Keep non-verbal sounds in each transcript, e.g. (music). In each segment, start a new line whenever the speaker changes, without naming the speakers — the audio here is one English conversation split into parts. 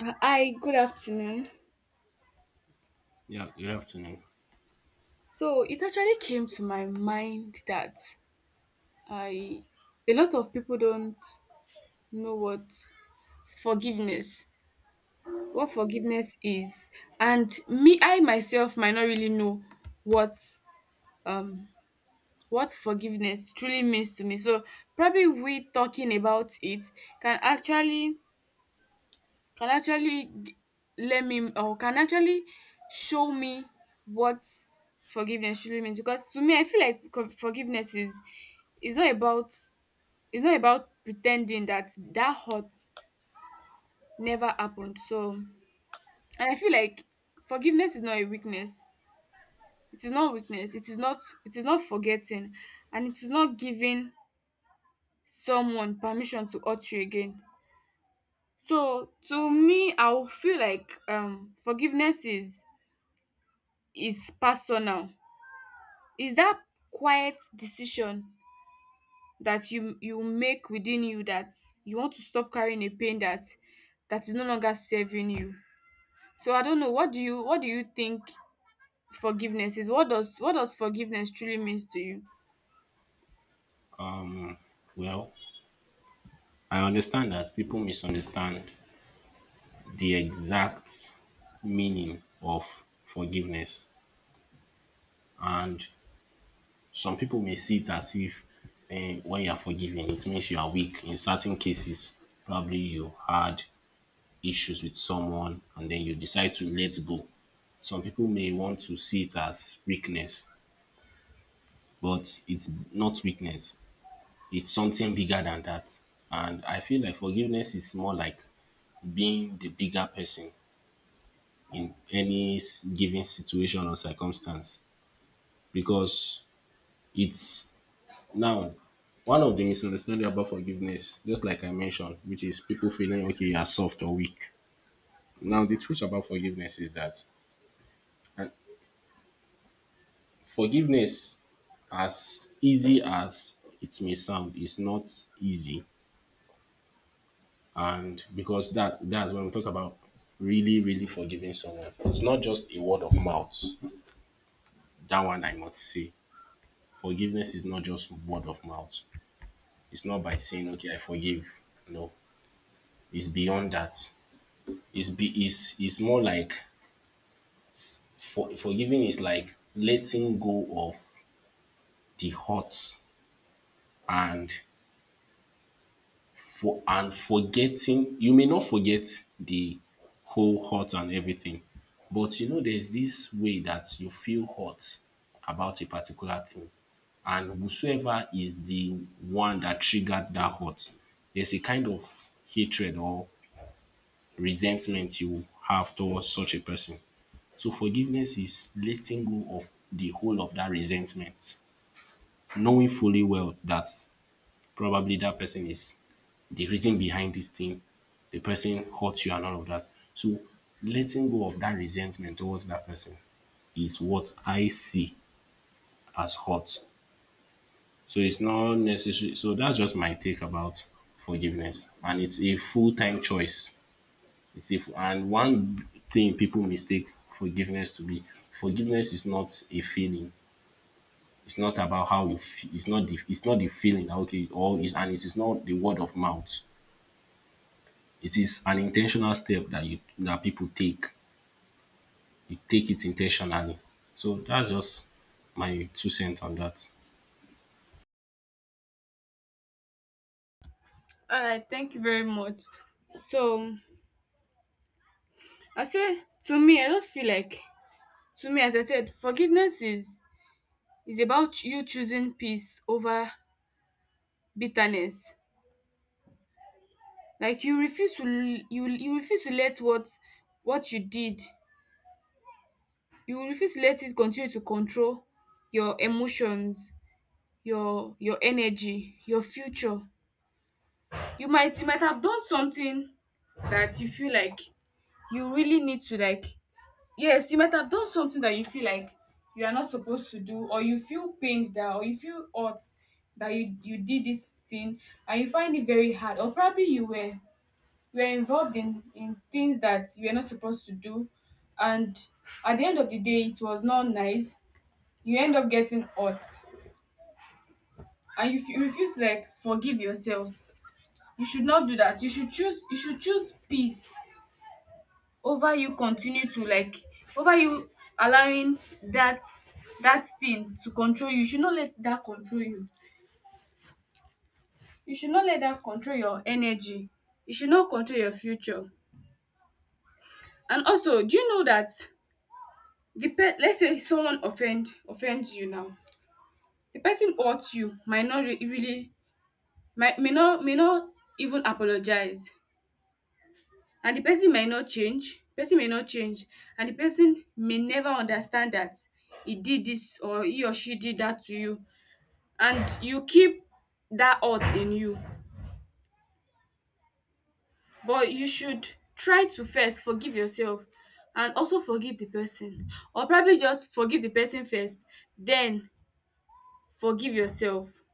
Hi, good afternoon.
Yeah, good afternoon.
So it actually came to my mind that I a lot of people don't know what forgiveness, forgiveness is, and me, I myself might not really know what um what forgiveness truly means to me. So probably we talking about it can actually can actually g- let me or can actually show me what forgiveness truly means because to me I feel like forgiveness is not about it's not about pretending that hurt never happened so and I feel like forgiveness is not a weakness, it is not weakness, it is not, it is not forgetting, and it is not giving someone permission to hurt you again. So to me I will feel like forgiveness is personal. Is that quiet decision that you make within you, that you want to stop carrying a pain that is no longer serving you. So I don't know, what do you think forgiveness is? What does forgiveness truly means to you?
Um, well, I understand that people misunderstand the exact meaning of forgiveness, and some people may see it as if when you are forgiven, it means you are weak. In certain cases, probably you had issues with someone and then you decide to let go. Some people may want to see it as weakness, but it's not weakness, it's something bigger than that. And I feel like forgiveness is more like being the bigger person in any given situation or circumstance because it's now one of the misunderstanding about forgiveness, just like I mentioned, which is people feeling okay, you are soft or weak. Now the truth about forgiveness is that uh, forgiveness, as easy as it may sound, is not easy. And because that's when we talk about really forgiving someone, it's not just a word of mouth. That one I must say. Forgiveness is not just word of mouth. It's not by saying, okay, I forgive. No, it's beyond that. It's more like forgiving is like letting go of the hurt. And forgetting, you may not forget the whole hurt and everything, but you know there's this way that you feel hurt about a particular thing, and whosoever is the one that triggered that hurt, there's a kind of hatred or resentment you have towards such a person. So forgiveness is letting go of the whole of that resentment, knowing fully well that probably that person is the reason behind this thing. The person hurt you and all of that. So letting go of that resentment towards that person is what I see as hurt. So it's not necessary. So that's just my take about forgiveness, and it's a full time choice. It's if and One thing people mistake forgiveness to be, forgiveness is not a feeling. It's not about how you feel. It's not the feeling. Okay, or is and it is not the word of mouth. It is an intentional step that you that people take. You take it intentionally. So that's just my two cents on that.
All right, thank you very much. So I say to me, I just feel like to me, as I said, forgiveness is about you choosing peace over bitterness. Like you refuse to you refuse to let what you did, you refuse to let it continue to control your emotions, your energy, your future. You might you might have done something that you feel like you really need to like, yes, you might have done something that you feel like you are not supposed to do, or you feel pained that, or you feel hurt that you did this thing, and you find it very hard. Or probably you were, you were involved in things that you were not supposed to do, and at the end of the day it was not nice, you end up getting hurt. And if you refuse to like forgive yourself, you should not do that. You should choose, you should choose peace over you continue to like, over you allowing that thing to control you. You should not let that control you, you should not let that control your energy, you should not control your future. And also, do you know that the pe let's say someone offends you now, the person hurts you, might not re really might may not even apologize, and the person might not change, person may not change. And the person may never understand that he did this, or he or she did that to you, and you keep that hurt in you. But you should try to first forgive yourself, and also forgive the person, or probably just forgive the person first, then forgive yourself.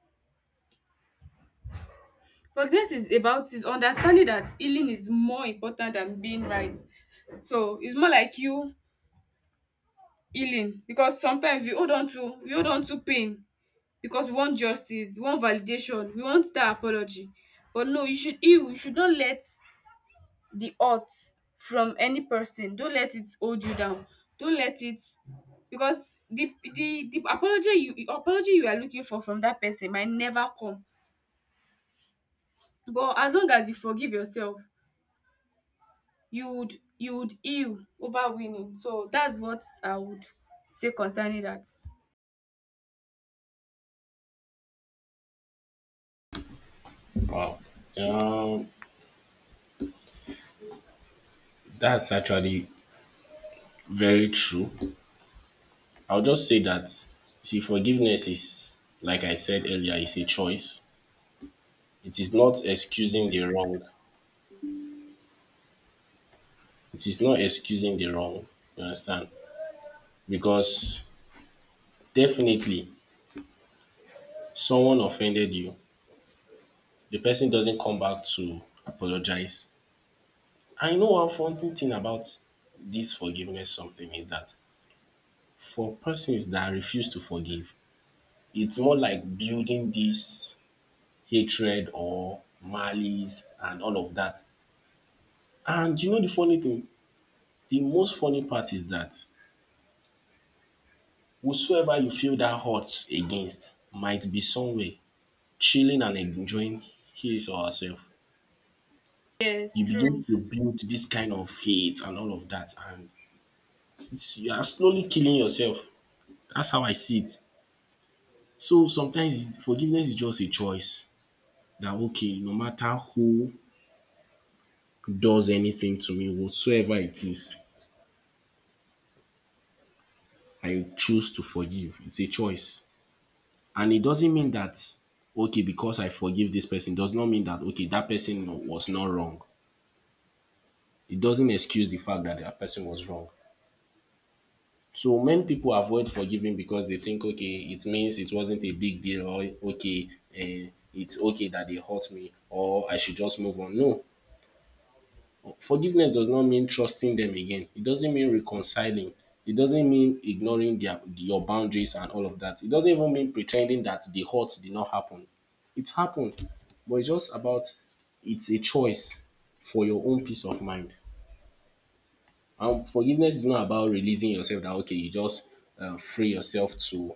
Forgiveness is about, is understanding that healing is more important than being right. So it's more like you healing, because sometimes we hold on to pain because we want justice, we want validation, we want that apology. But no, you should heal. You should not let the hurt from any person. Don't let it hold you down. Don't let it, because the apology you are looking for from that person might never come. But as long as you forgive yourself, you would heal over winning. So that's what I would say concerning that.
Wow, um that's actually very true. I'll just say that, see, forgiveness, is like I said earlier, is a choice. It is not excusing the wrong. It is not excusing the wrong. You understand? Because definitely someone offended you. The person doesn't come back to apologize. I know one funny thing about this forgiveness something is that for persons that refuse to forgive, it's more like building this hatred or malice and all of that. And you know the funny thing? The most funny part is that whosoever you feel that hurt against might be somewhere chilling and enjoying his or herself.
Yes,
You begin
true.
to build this kind of hate and all of that, and it's, you are slowly killing yourself. That's how I see it. So sometimes forgiveness is just a choice. That okay, no matter who does anything to me, whatsoever it is, I choose to forgive. It's a choice, and it doesn't mean that okay, because I forgive this person does not mean that okay, that person was not wrong. It doesn't excuse the fact that that person was wrong. So many people avoid forgiving because they think okay, it means it wasn't a big deal, or okay, it's okay that they hurt me or I should just move on. No, forgiveness does not mean trusting them again. It doesn't mean reconciling. It doesn't mean ignoring their your boundaries and all of that. It doesn't even mean pretending that the hurt did not happen. It happened, but it's just about, it's a choice for your own peace of mind. And forgiveness is not about releasing yourself that okay, you just free yourself to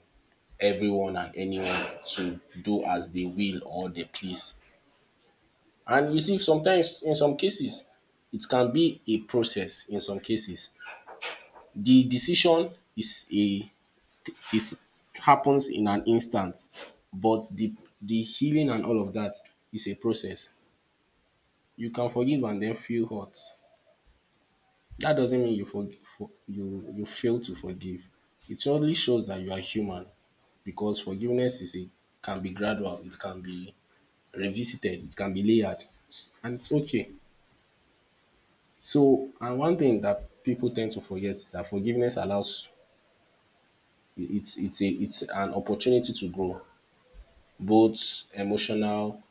everyone and anyone to do as they will or they please. And you see, sometimes in some cases, it can be a process. In some cases, the decision is a is happens in an instant, but the healing and all of that is a process. You can forgive and then feel hurt. That doesn't mean you fail to forgive. It only shows that you are human, because forgiveness is a can be gradual, it can be revisited, it can be layered, and it's okay. So, and one thing that people tend to forget is that forgiveness allows, it's an opportunity to grow. Both emotional,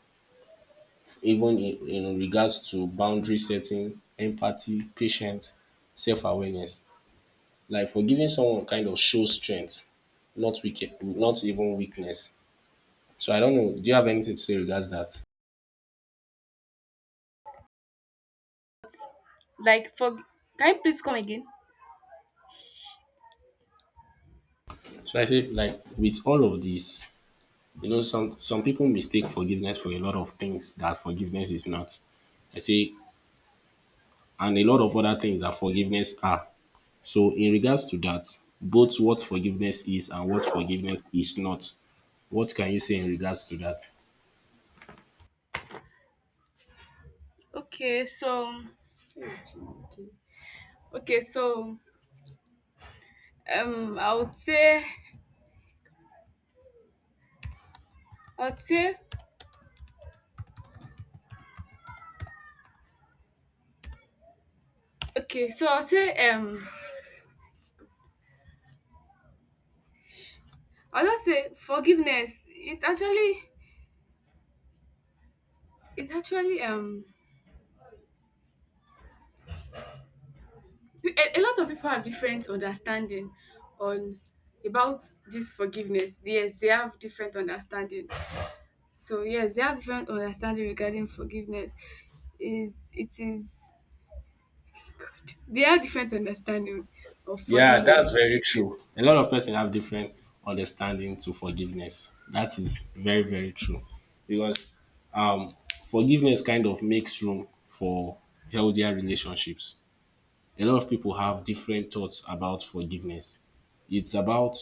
even in regards to boundary setting, empathy, patience, self-awareness. Like forgiving someone kind of shows strength, not weak, not even weakness. So I don't know, do you have anything to say regards that?
Like for, can you please come again?
So I say like with all of this, you know, some people mistake forgiveness for a lot of things that forgiveness is not. I say, and a lot of other things that forgiveness are. So, in regards to that, both what forgiveness is and what forgiveness is not, what can you say in regards to that?
Okay, so okay, so I would say, I would say okay, so I'll say I'll just say forgiveness. It actually, it actually um a lot of people have different understanding on, about this forgiveness. Yes, they have different understanding. So yes, they have different understanding regarding forgiveness. Is it is they have different understanding of
Yeah, that's
forgiveness.
very true. A lot of person have different understanding to forgiveness. That is very, very true. Because um, forgiveness kind of makes room for healthier relationships. A lot of people have different thoughts about forgiveness. It's about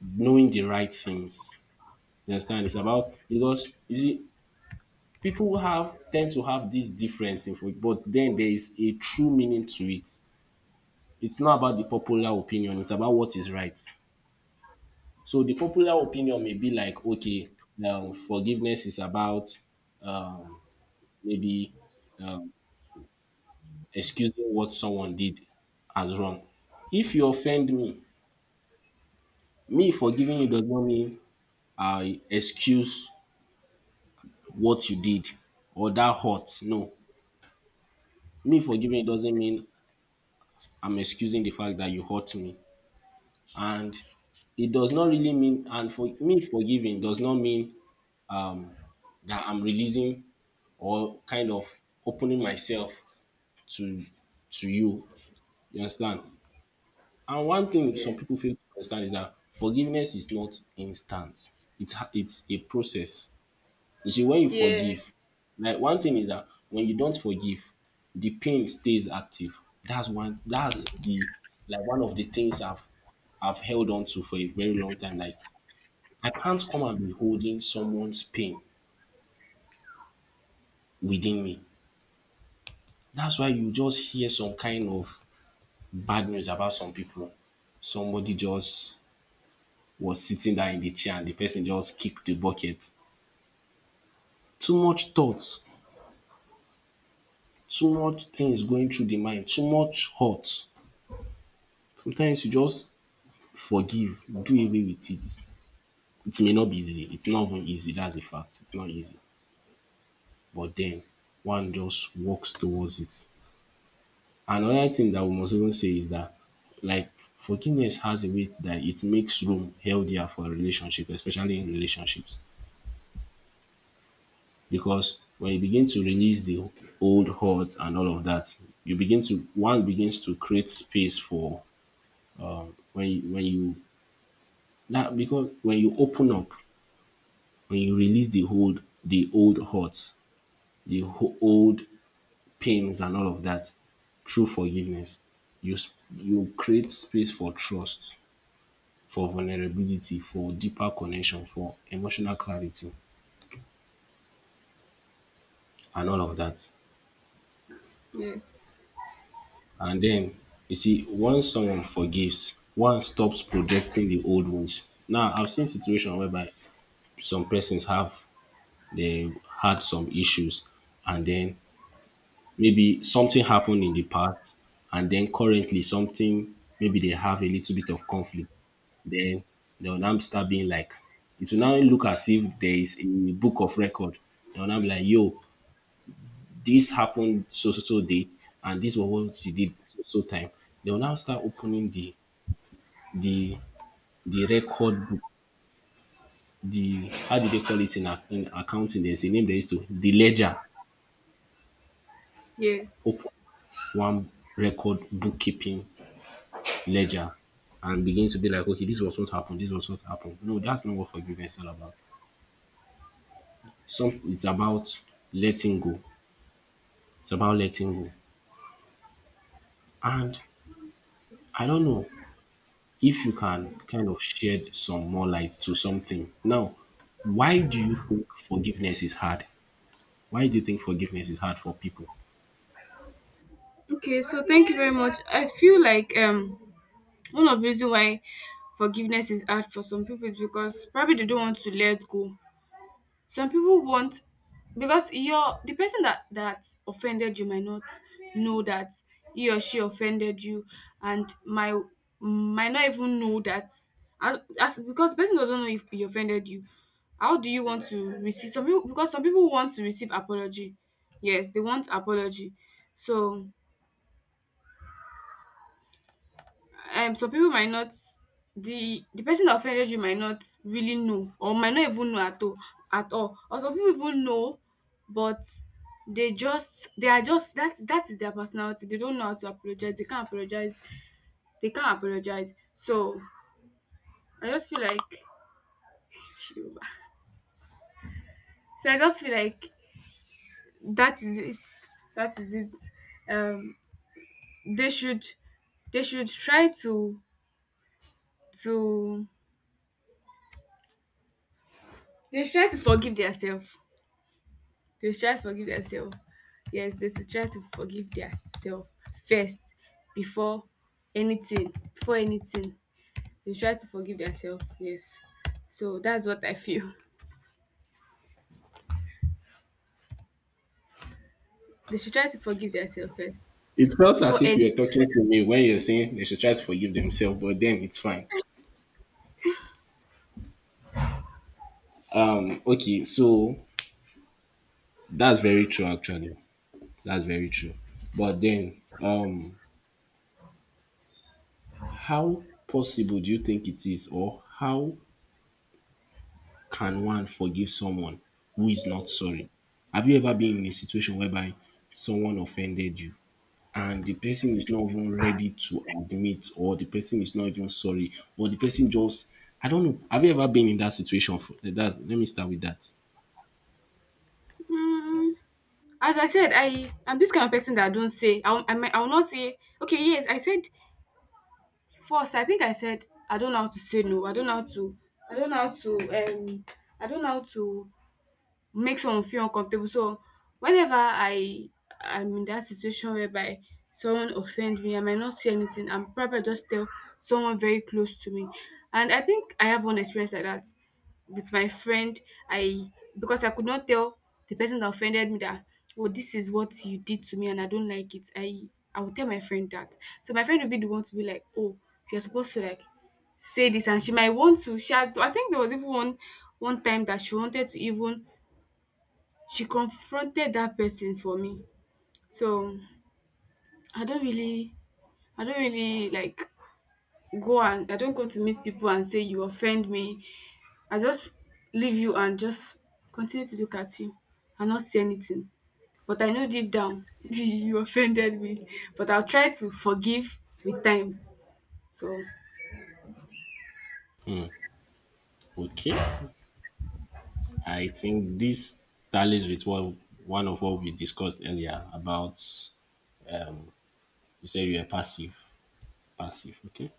knowing the right things. You understand? It's about, because you see, people have tend to have this difference in food, but then there is a true meaning to it. It's not about the popular opinion, it's about what is right. So the popular opinion may be like, okay, forgiveness is about maybe excusing what someone did as wrong. If you offend me, me forgiving you does not mean I excuse what you did or that hurt. No, me forgiving you doesn't mean I'm excusing the fact that you hurt me. And it does not really mean, and for me forgiving does not mean that I'm releasing or kind of opening myself to to you. You understand? And one thing some
Yes.
people fail to understand is that forgiveness is not instant. It's a process. You see, when you
Yeah.
forgive, like, one thing is that when you don't forgive, the pain stays active. That's the, like, one of the things I've held on to for a very long time. Like, I can't come and be holding someone's pain within me. That's why you just hear some kind of bad news about some people. Somebody just was sitting down in the chair and the person just kicked the bucket. Too much thoughts, too much things going through the mind, too much hurt. Sometimes you just forgive, do away with it. It may not be easy. It's not even easy. That's a fact. It's not easy. But then one just works towards it. Another thing that we must even say is that, like, forgiveness has a way that it makes room healthier for a relationship, especially in relationships. Because when you begin to release the old hurt and all of that, you begin to one begins to create space for when you that because when you open up, when you release the old hurts, the old pains and all of that through forgiveness, you create space for trust, for vulnerability, for deeper connection, for emotional clarity, and all of that.
Yes.
And then you see, once someone forgives, one stops projecting the old wounds. Now, I've seen situations whereby some persons have they had some issues, and then maybe something happened in the past, and then currently something, maybe they have a little bit of conflict. Then they'll now start being like, it will now look as if there is a book of record. They'll now be like, yo, this happened so so so day and this was what she did so so time. They will now start opening the the record book, the, how did they call it in, in accounting? There's a name they used to, the ledger.
Yes.
Open one, record bookkeeping, ledger, and begin to be like, okay, this was what happened, this was what happened. No, that's not what forgiveness is all about. Some, it's about letting go. It's about letting go. And I don't know, if you can kind of shed some more light to something. Now, why do you think forgiveness is hard? Why do you think forgiveness is hard for people?
Okay, so thank you very much. I feel like one of the reason why forgiveness is hard for some people is because probably they don't want to let go. Some people want, because your, the person that offended you might not know that he or she offended you, and my might not even know that, as- because the person doesn't know if he offended you. How do you want to receive, some people, because some people want to receive apology. Yes, they want apology. So some people might not, the person that offended you might not really know, or might not even know at all, or some people even know, but they are just that, is their personality. They don't know how to apologize, they can't apologize, so I just feel like, so i just feel like that is it, that is it um they should, they should try to to they should try to forgive themselves. They should try to forgive themselves. Yes, they should try to forgive themselves first before anything. Before anything, they should try to forgive themselves. Yes. So that's what I feel. (laughs) They should try to forgive themselves first
It felt as
before
if you
anything.
are talking to me when you're saying they should try to forgive themselves, but then it's fine. Okay, so that's very true actually. That's very true. But then, how possible do you think it is, or how can one forgive someone who is not sorry? Have you ever been in a situation whereby someone offended you and the person is not even ready to admit, or the person is not even sorry, or the person just I don't know, have you ever been in that situation? For like that Let me start with that.
Mm, as I said, I I'm this kind of person that I don't say. I will- I will not say. Okay, yes, I said first. I think I said I don't know how to say no. I don't know how to. I don't know how to. I don't know how to make someone feel uncomfortable. So whenever I am in that situation whereby someone offend me, I might not say anything. I'm probably just tell someone very close to me. And I think I have one experience like that with my friend. I, because I could not tell the person that offended me that, oh, this is what you did to me and I don't like it. I will tell my friend that. So my friend will be the one to be like, oh, you're supposed to like say this, and she might want to shout. I think there was even one, one time that she wanted to even, she confronted that person for me. So I don't really, I don't really like go, and I don't go to meet people and say you offend me. I just leave you and just continue to look at you and not say anything. But I know deep down (laughs) you offended me. But I'll try to forgive with time. So
Okay, I think this tallies with what one of what we discussed earlier about, um you said you are passive. Passive, okay.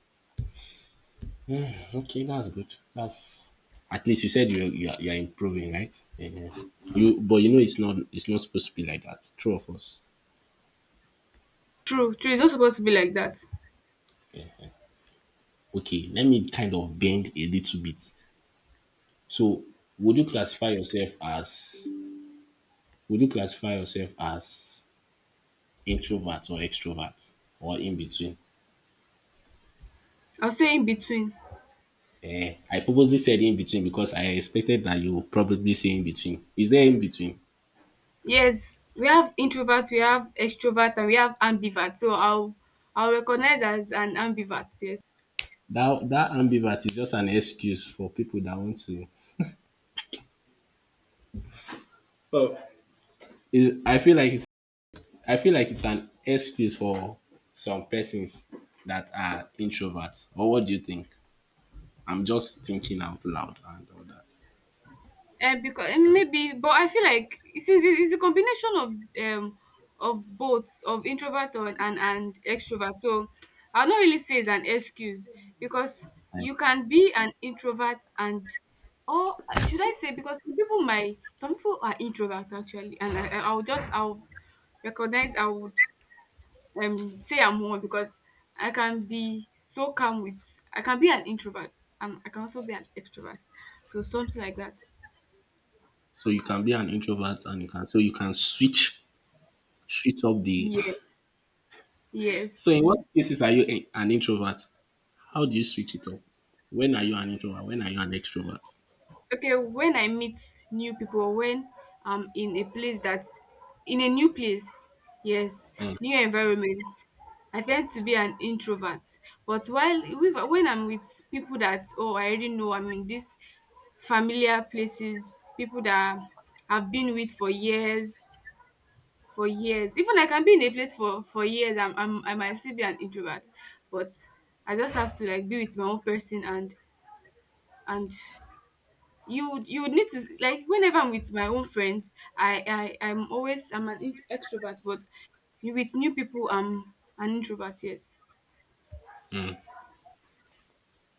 Hmm, okay, that's good. That's, at least you said you you are improving, right? Yeah. You, but you know, it's not supposed to be like that, true of us.
true, true. It's not supposed to be like that.
Okay, let me kind of bend a little bit. So, would you classify yourself as would you classify yourself as introvert or extrovert, or in between?
I'll say in between.
Eh, I purposely said in between because I expected that you would probably say in between. Is there in between?
Yes, we have introverts, we have extroverts, and we have ambiverts. So I'll recognize as an ambivert, yes.
That, that ambivert is just an excuse for people that want to. Well, is I feel like it's I feel like it's an excuse for some persons that are introverts. Or what do you think? I'm just thinking out loud and all that.
And because maybe, but I feel like it's a combination um of both of introvert and, and extrovert. So I'll not really say it's an excuse because
Time.
you can be an introvert and, or should I say, because some people might, some people are introvert actually, and I- I'll just, I'll recognize, I would say I'm one because I can be so calm with, I can be an introvert and I can also be an extrovert. So something like that.
So you can be an introvert and you can, so you can switch, switch up the.
Yes.
(laughs) So
Yes.
in what cases are you an introvert? How do you switch it up? When are you an introvert? When are you an extrovert?
Okay, when I meet new people, when I'm in a place that, in a new place, yes,
Mm,
new environment, I tend to be an introvert. But while with- when I'm with people that, oh, I already know, I'm in this familiar places, people that I've been with for years, Even like I can be in a place for years. I'm, I might still be an introvert, but I just have to like be with my own person and you would, you would need to like, whenever I'm with my own friends, I'm always I'm an extrovert, but you with new people I'm an introvert. Yes.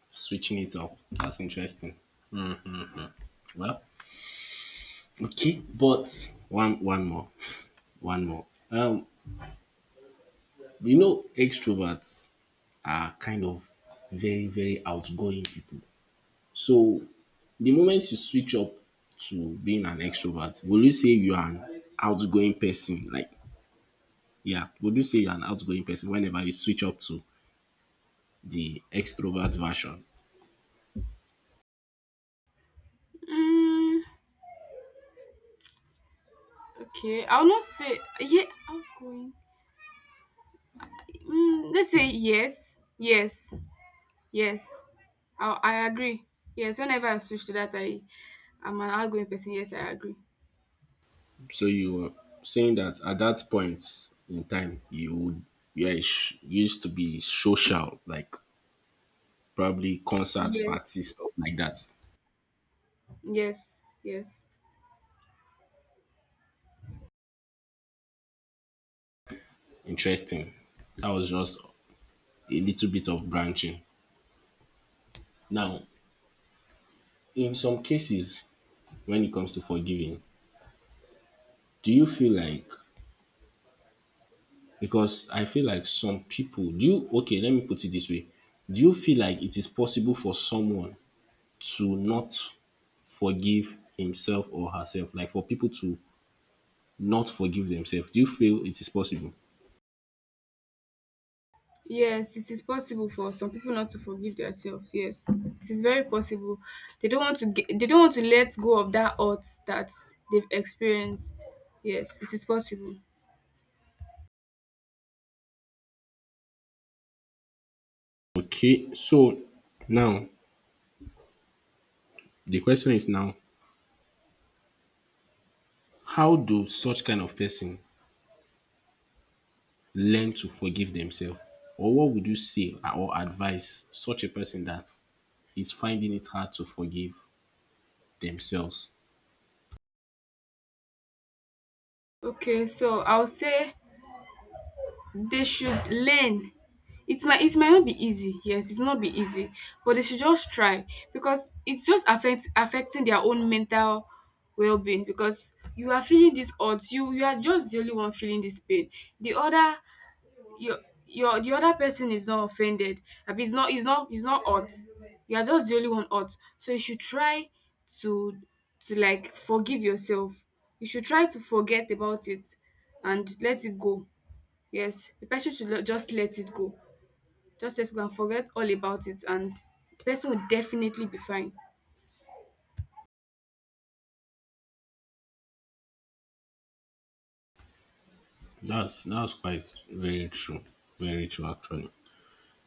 switching it up. That's interesting. Well, okay, but one more. One more. You know, extroverts are kind of very, very outgoing people. So the moment you switch up to being an extrovert, will you say you are an outgoing person? Like, yeah, would you say you're an outgoing person whenever you switch up to the extrovert version?
Mm, okay, I'll not say yeah. I was going. Let's say yes, yes. Yes, I agree. Yes, whenever I switch to that, I'm an outgoing person. Yes, I agree.
So you were saying that at that point in time, you would, yeah, used to be social, like probably concert
Yes,
parties, stuff like that.
yes, yes,
Interesting. That was just a little bit of branching. Now, in some cases, when it comes to forgiving, do you feel like, because I feel like some people, do you, okay, let me put it this way. Do you feel like it is possible for someone to not forgive himself or herself, like for people to not forgive themselves? Do you feel it is possible?
yes. It is possible for some people not to forgive themselves. Yes, it is very possible. They don't want to. Get, they don't want to let go of that hurt that they've experienced. Yes, it is possible.
Okay, so now, the question is now, how do such kind of person learn to forgive themselves? Or what would you say or advise such a person that is finding it hard to forgive themselves?
Okay, so I'll say they should learn. It might not be easy. Yes, it's not be easy, but they should just try because it's just affecting their own mental well-being, because you are feeling this odds. You are just the only one feeling this pain. The other, your your, the other person is not offended. I mean, it's not odd. You are just the only one odd. So you should try to to like forgive yourself. You should try to forget about it and let it go. Yes, the person should le- just let it go. Just let it go and forget all about it, and the person will definitely be fine.
That's quite very true. Very true actually.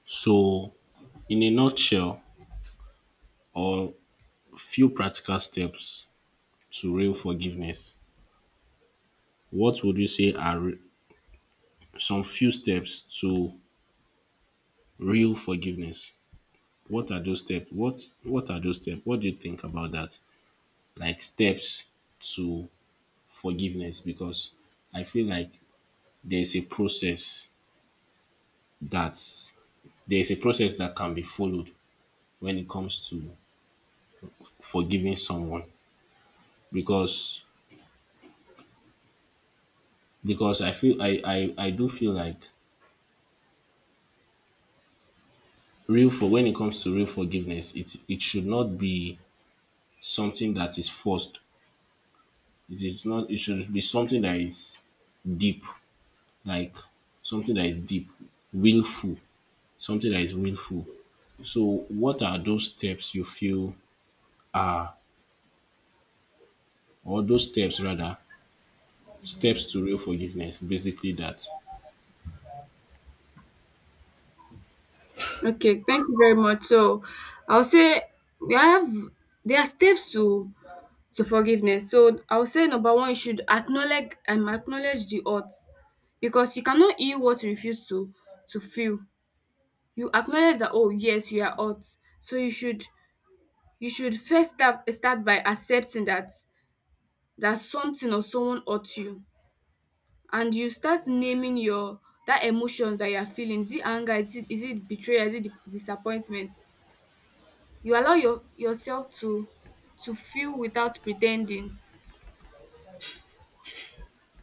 So, in a nutshell, or few practical steps to real forgiveness, what would you say are some few steps to real forgiveness? What are those steps? What are those steps? What do you think about that? Like steps to forgiveness, because I feel like there's a process that's there's a process that can be followed when it comes to forgiving someone, because I do feel like real for when it comes to real forgiveness, it should not be something that is forced. It is not. It should be something that is deep, like something that is deep, willful, something that is willful. So, what are those steps you feel, or those steps rather, steps to real forgiveness? Basically, that
Okay, thank you very much. So, I'll say we have there are steps to forgiveness. So, I'll say number one, you should acknowledge the hurt, because you cannot heal what you refuse to feel. You acknowledge that, oh yes, you are hurt. So you should, you should first start by accepting that something or someone hurt you, and you start naming your, that emotions that you're feeling. Is it anger, is it betrayal, is it disappointment? You allow your, yourself to feel without pretending